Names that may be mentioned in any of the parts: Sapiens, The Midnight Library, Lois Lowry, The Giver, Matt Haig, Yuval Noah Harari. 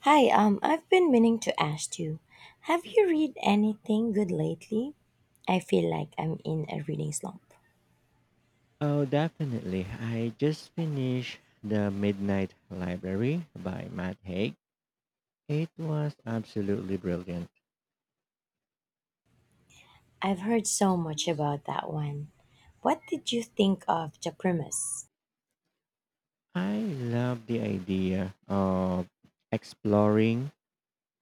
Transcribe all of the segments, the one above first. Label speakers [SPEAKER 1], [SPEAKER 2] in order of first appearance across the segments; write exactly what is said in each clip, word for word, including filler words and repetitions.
[SPEAKER 1] Hi, um, I've been meaning to ask you, have you read anything good lately? I feel like I'm in a reading slump.
[SPEAKER 2] Oh, definitely. I just finished The Midnight Library by Matt Haig. It was absolutely brilliant.
[SPEAKER 1] I've heard so much about that one. What did you think of the premise?
[SPEAKER 2] I love the idea of exploring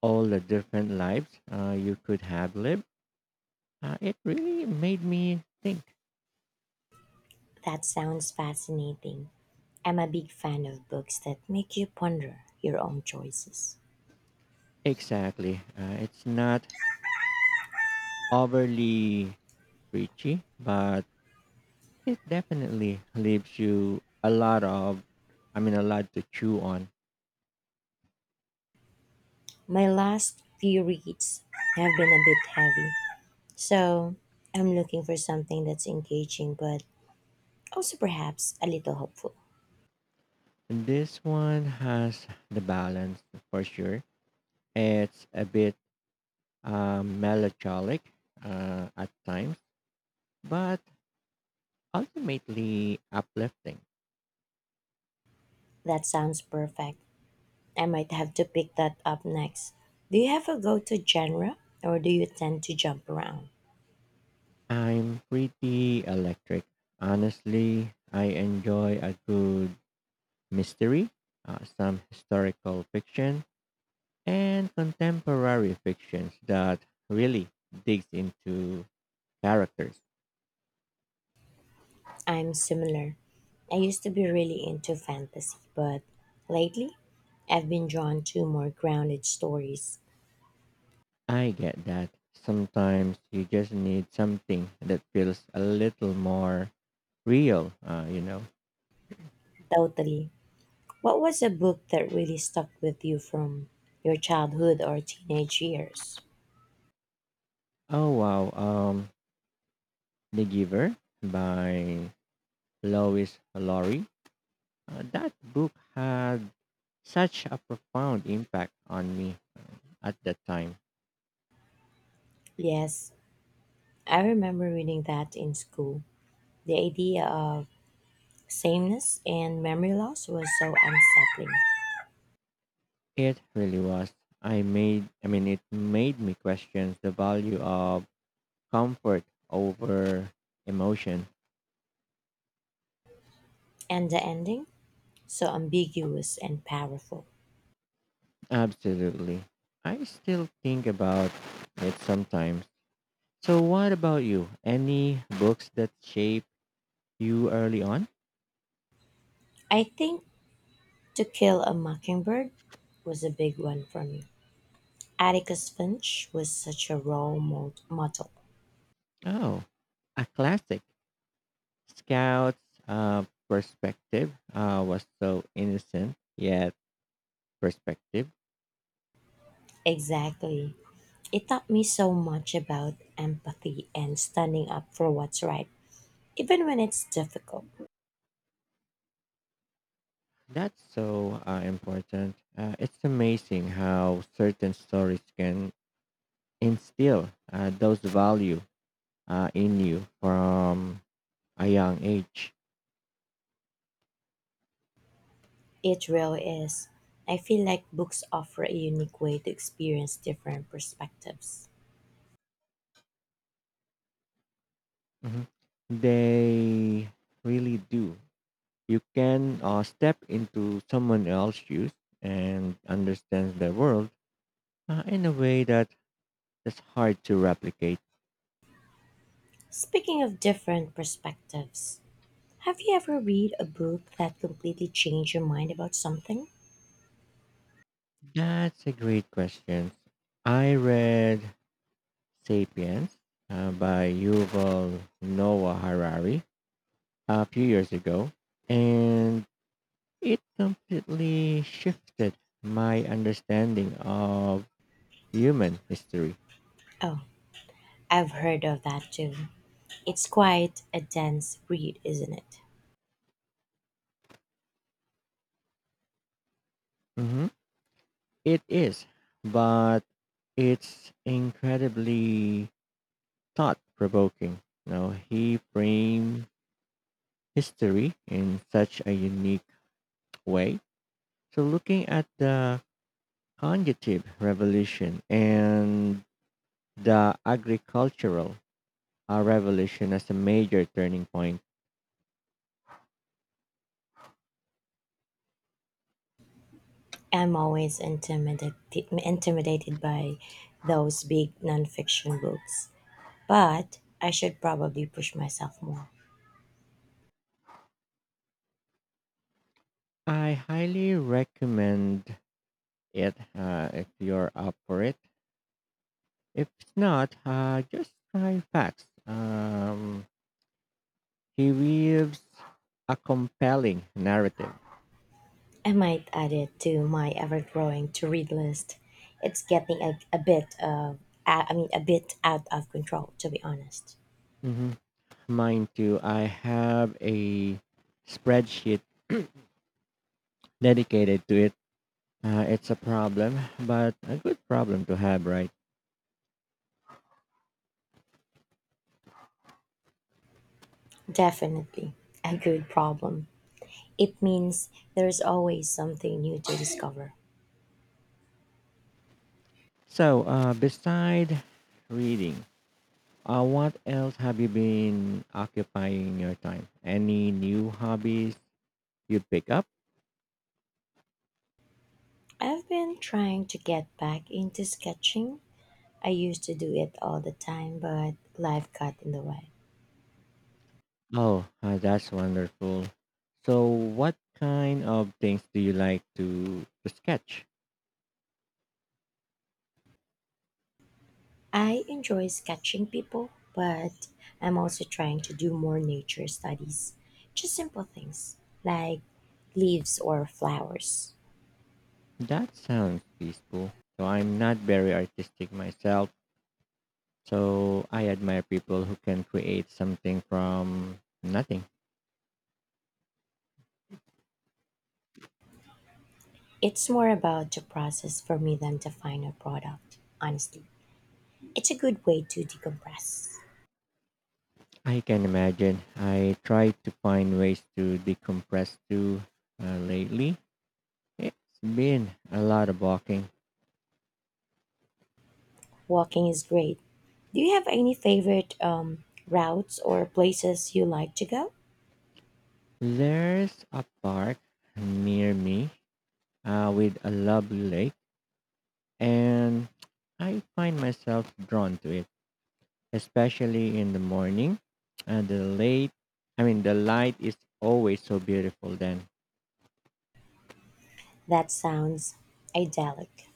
[SPEAKER 2] all the different lives uh, you could have lived. Uh, it really made me think.
[SPEAKER 1] That sounds fascinating. I'm a big fan of books that make you ponder your own choices.
[SPEAKER 2] Exactly. Uh, it's not overly preachy, but it definitely leaves you a lot of, I mean, a lot to chew on.
[SPEAKER 1] My last few reads have been a bit heavy, so I'm looking for something that's engaging but also perhaps a little hopeful.
[SPEAKER 2] This one has the balance for sure. It's a bit um, melancholic uh, at times, but ultimately uplifting.
[SPEAKER 1] That sounds perfect. I might have to pick that up next. Do you have a go to genre, or do you tend to jump around?
[SPEAKER 2] I'm pretty electric. Honestly, I enjoy a good mystery, uh, some historical fiction, and contemporary fictions that really digs into characters.
[SPEAKER 1] I'm similar. I used to be really into fantasy, but lately I've been drawn to more grounded stories.
[SPEAKER 2] I get that. Sometimes you just need something that feels a little more real, uh, you know.
[SPEAKER 1] Totally. What was a book that really stuck with you from your childhood or teenage years?
[SPEAKER 2] Oh wow, um, The Giver by Lois Lowry. Uh, that book had such a profound impact on me at that time.
[SPEAKER 1] Yes, I remember reading that in school. The idea of sameness and memory loss was so unsettling,
[SPEAKER 2] It really was. I made, I mean, it made me question the value of comfort over emotion.
[SPEAKER 1] and the ending so ambiguous and powerful.
[SPEAKER 2] Absolutely. I still think about it sometimes. So, what about you? Any books that shaped you early on?
[SPEAKER 1] I think To Kill a Mockingbird was a big one for me. Atticus Finch was such a role mod- model.
[SPEAKER 2] Oh, a classic. Scout's uh, perspective uh, was so innocent, yet perspective.
[SPEAKER 1] Exactly. It taught me so much about empathy and standing up for what's right, even when it's difficult.
[SPEAKER 2] That's so uh, important. Uh, it's amazing how certain stories can instill uh, those value uh, in you from a young age.
[SPEAKER 1] It really is. I feel like books offer a unique way to experience different perspectives.
[SPEAKER 2] Mhm. They really do. You can uh, step into someone else's shoes and understand the world uh, in a way that is hard to replicate.
[SPEAKER 1] Speaking of different perspectives, have you ever read a book that completely changed your mind about something?
[SPEAKER 2] That's a great question. I read *Sapiens* uh, by Yuval Noah Harari a few years ago, and it completely shifted my understanding of human history.
[SPEAKER 1] Oh, I've heard of that too. It's quite a dense read, isn't it?
[SPEAKER 2] Mhm. It is, but it's incredibly thought provoking. Now he framed history in such a unique way. So looking at the conjugative revolution and the agricultural uh, revolution as a major turning point,
[SPEAKER 1] I'm always intimidated intimidated by those big nonfiction books, but I should probably push myself more.
[SPEAKER 2] I highly recommend it uh, if you're up for it. If not, uh, just try facts. Um, He weaves a compelling narrative.
[SPEAKER 1] I might add it to my ever-growing to-read list. It's getting a, a bit of I mean a bit out of control, to be honest.
[SPEAKER 2] Hmm Mine too. I have a spreadsheet dedicated to it. Uh, it's a problem, but a good problem to have, right?
[SPEAKER 1] Definitely a good problem. It means there's always something new to discover.
[SPEAKER 2] So, uh, beside reading, uh, what else have you been occupying your time? Any new hobbies you pick up?
[SPEAKER 1] I've been trying to get back into sketching. I used to do it all the time, but life got in the way.
[SPEAKER 2] Oh, uh, that's wonderful. So, what kind of things do you like to, to sketch?
[SPEAKER 1] I enjoy sketching people, but I'm also trying to do more nature studies. Just simple things like leaves or flowers.
[SPEAKER 2] That sounds peaceful. So I'm not very artistic myself. So I admire people who can create something from nothing.
[SPEAKER 1] It's more about the process for me than the final product, honestly. It's a good way to decompress.
[SPEAKER 2] I can imagine. I try to find ways to decompress too uh, lately. It's been a lot of walking.
[SPEAKER 1] Walking is great. Do you have any favorite um, routes or places you like to go?
[SPEAKER 2] There's a park near me uh, with a lovely lake, and I find myself drawn to it, especially in the morning. And the late, I mean, the light is always so beautiful then.
[SPEAKER 1] That sounds idyllic.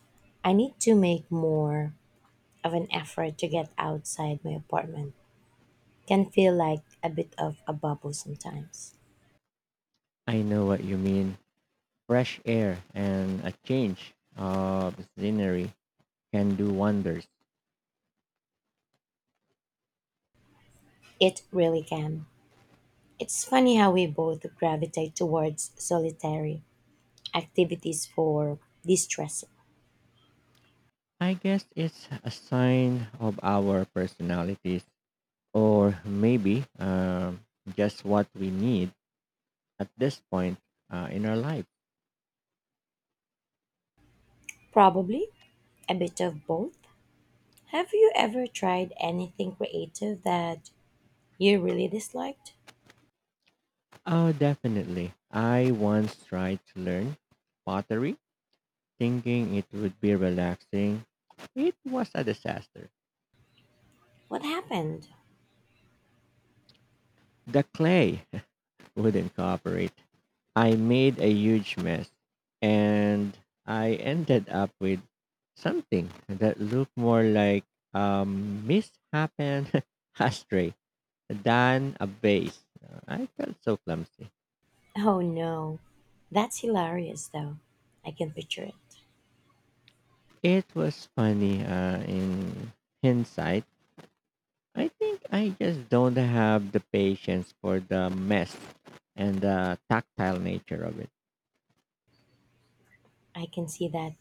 [SPEAKER 1] I need to make more of an effort to get outside my apartment. Can feel like a bit of a bubble sometimes.
[SPEAKER 2] I know what you mean. Fresh air and a change of scenery can do wonders.
[SPEAKER 1] It really can. It's funny how we both gravitate towards solitary activities for distress.
[SPEAKER 2] I guess it's a sign of our personalities, or maybe um, just what we need at this point uh, in our life.
[SPEAKER 1] Probably a bit of both. Have you ever tried anything creative that you really disliked?
[SPEAKER 2] Oh, definitely. I once tried to learn pottery thinking it would be relaxing. It was a disaster.
[SPEAKER 1] What happened?
[SPEAKER 2] The clay wouldn't cooperate. I made a huge mess and I ended up with something that looked more like a mishapen ashtray than a vase. I felt so clumsy.
[SPEAKER 1] Oh no. That's hilarious though. I can picture it.
[SPEAKER 2] It was funny uh, in hindsight. I think I just don't have the patience for the mess and the tactile nature of it.
[SPEAKER 1] I can see that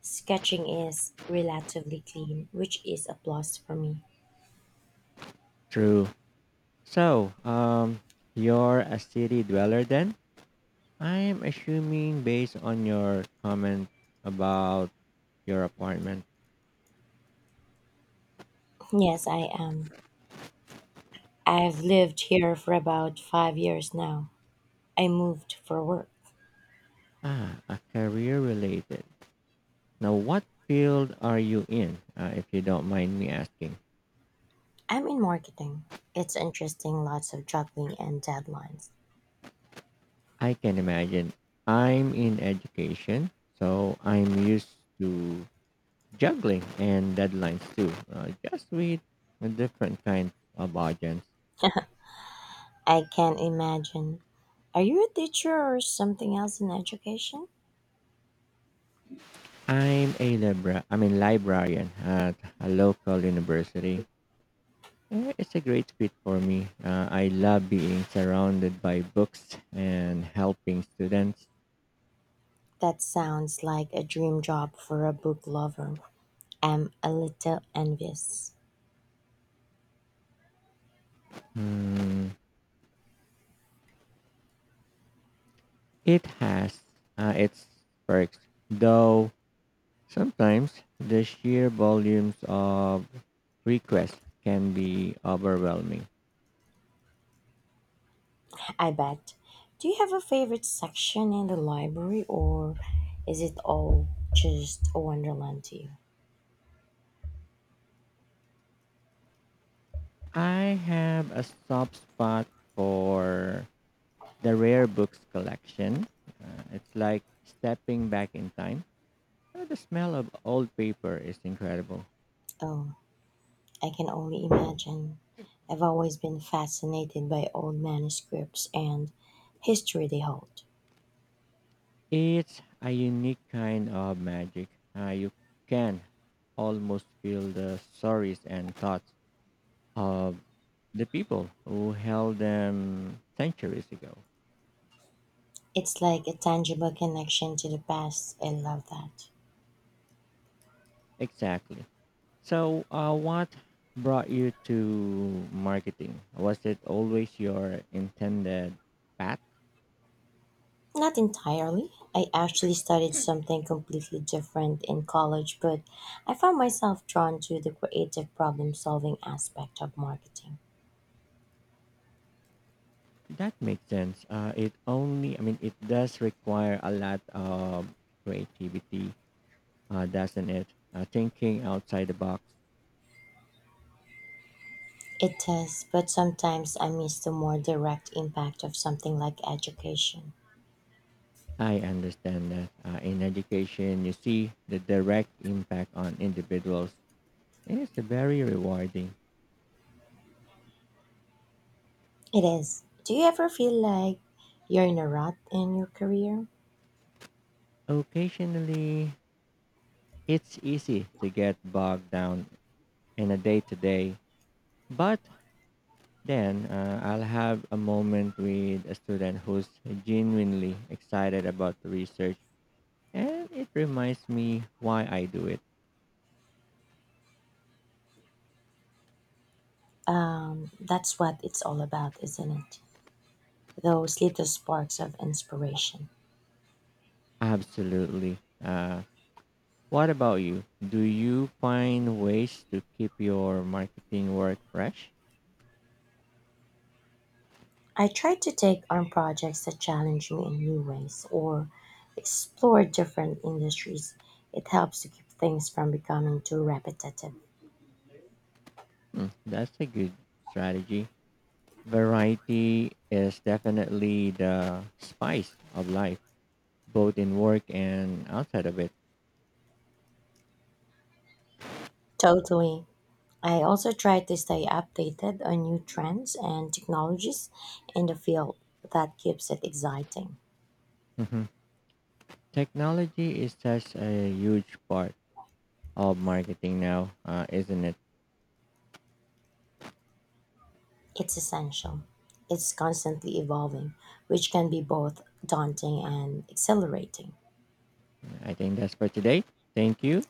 [SPEAKER 1] sketching is relatively clean, which is a plus for me.
[SPEAKER 2] True. So, um, you're a city dweller then? I'm assuming based on your comment about your apartment.
[SPEAKER 1] Yes, I am. I've lived here for about five years now. I moved for work.
[SPEAKER 2] Ah, a career related. Now, what field are you in, uh, if you don't mind me asking?
[SPEAKER 1] I'm in marketing. It's interesting, lots of juggling and deadlines.
[SPEAKER 2] I can imagine. I'm in education, so I'm used to juggling and deadlines too, uh, just with a different kinds of audience.
[SPEAKER 1] I can imagine. Are you a teacher or something else in education?
[SPEAKER 2] I'm a libra. I'm a librarian at a local university. Eh, It's a great fit for me. Uh, I love being surrounded by books and helping students.
[SPEAKER 1] That sounds like a dream job for a book lover. I'm a little envious.
[SPEAKER 2] Mm, it has uh, its perks, though sometimes the sheer volumes of requests can be overwhelming.
[SPEAKER 1] I bet. Do you have a favorite section in the library, or is it all just a wonderland to you?
[SPEAKER 2] I have a soft spot for the rare books collection. Uh, it's like stepping back in time. Uh, The smell of old paper is incredible.
[SPEAKER 1] Oh, I can only imagine. I've always been fascinated by old manuscripts and history they hold.
[SPEAKER 2] It's a unique kind of magic. Uh, you can almost feel the stories and thoughts of the people who held them centuries ago.
[SPEAKER 1] It's like a tangible connection to the past. I love that.
[SPEAKER 2] Exactly. So, uh, what brought you to marketing? Was it always your intended path?
[SPEAKER 1] Not entirely. I actually studied something completely different in college, but I found myself drawn to the creative problem solving aspect of marketing.
[SPEAKER 2] That makes sense. Uh, it only, I mean, it does require a lot of creativity, uh, doesn't it? Uh, thinking outside the box.
[SPEAKER 1] It does, but sometimes I miss the more direct impact of something like education.
[SPEAKER 2] I understand that uh, in education, you see the direct impact on individuals, and it's very rewarding.
[SPEAKER 1] It is. Do you ever feel like you're in a rut in your career?
[SPEAKER 2] Occasionally, it's easy to get bogged down in a day to day, but then uh, I'll have a moment with a student who's genuinely excited about the research and it reminds me why I do it.
[SPEAKER 1] That's what it's all about, isn't it? Those little sparks of inspiration.
[SPEAKER 2] Absolutely. Uh, what about you? Do you find ways to keep your marketing work fresh?
[SPEAKER 1] I try to take on projects that challenge me in new ways or explore different industries. It helps to keep things from becoming too repetitive.
[SPEAKER 2] Hmm, that's a good strategy. Variety is definitely the spice of life, both in work and outside of it.
[SPEAKER 1] Totally. I also try to stay updated on new trends and technologies in the field that keeps it exciting.
[SPEAKER 2] Technology is such a huge part of marketing now, uh, isn't it?
[SPEAKER 1] It's essential. It's constantly evolving, which can be both daunting and exhilarating.
[SPEAKER 2] I think that's for today. Thank you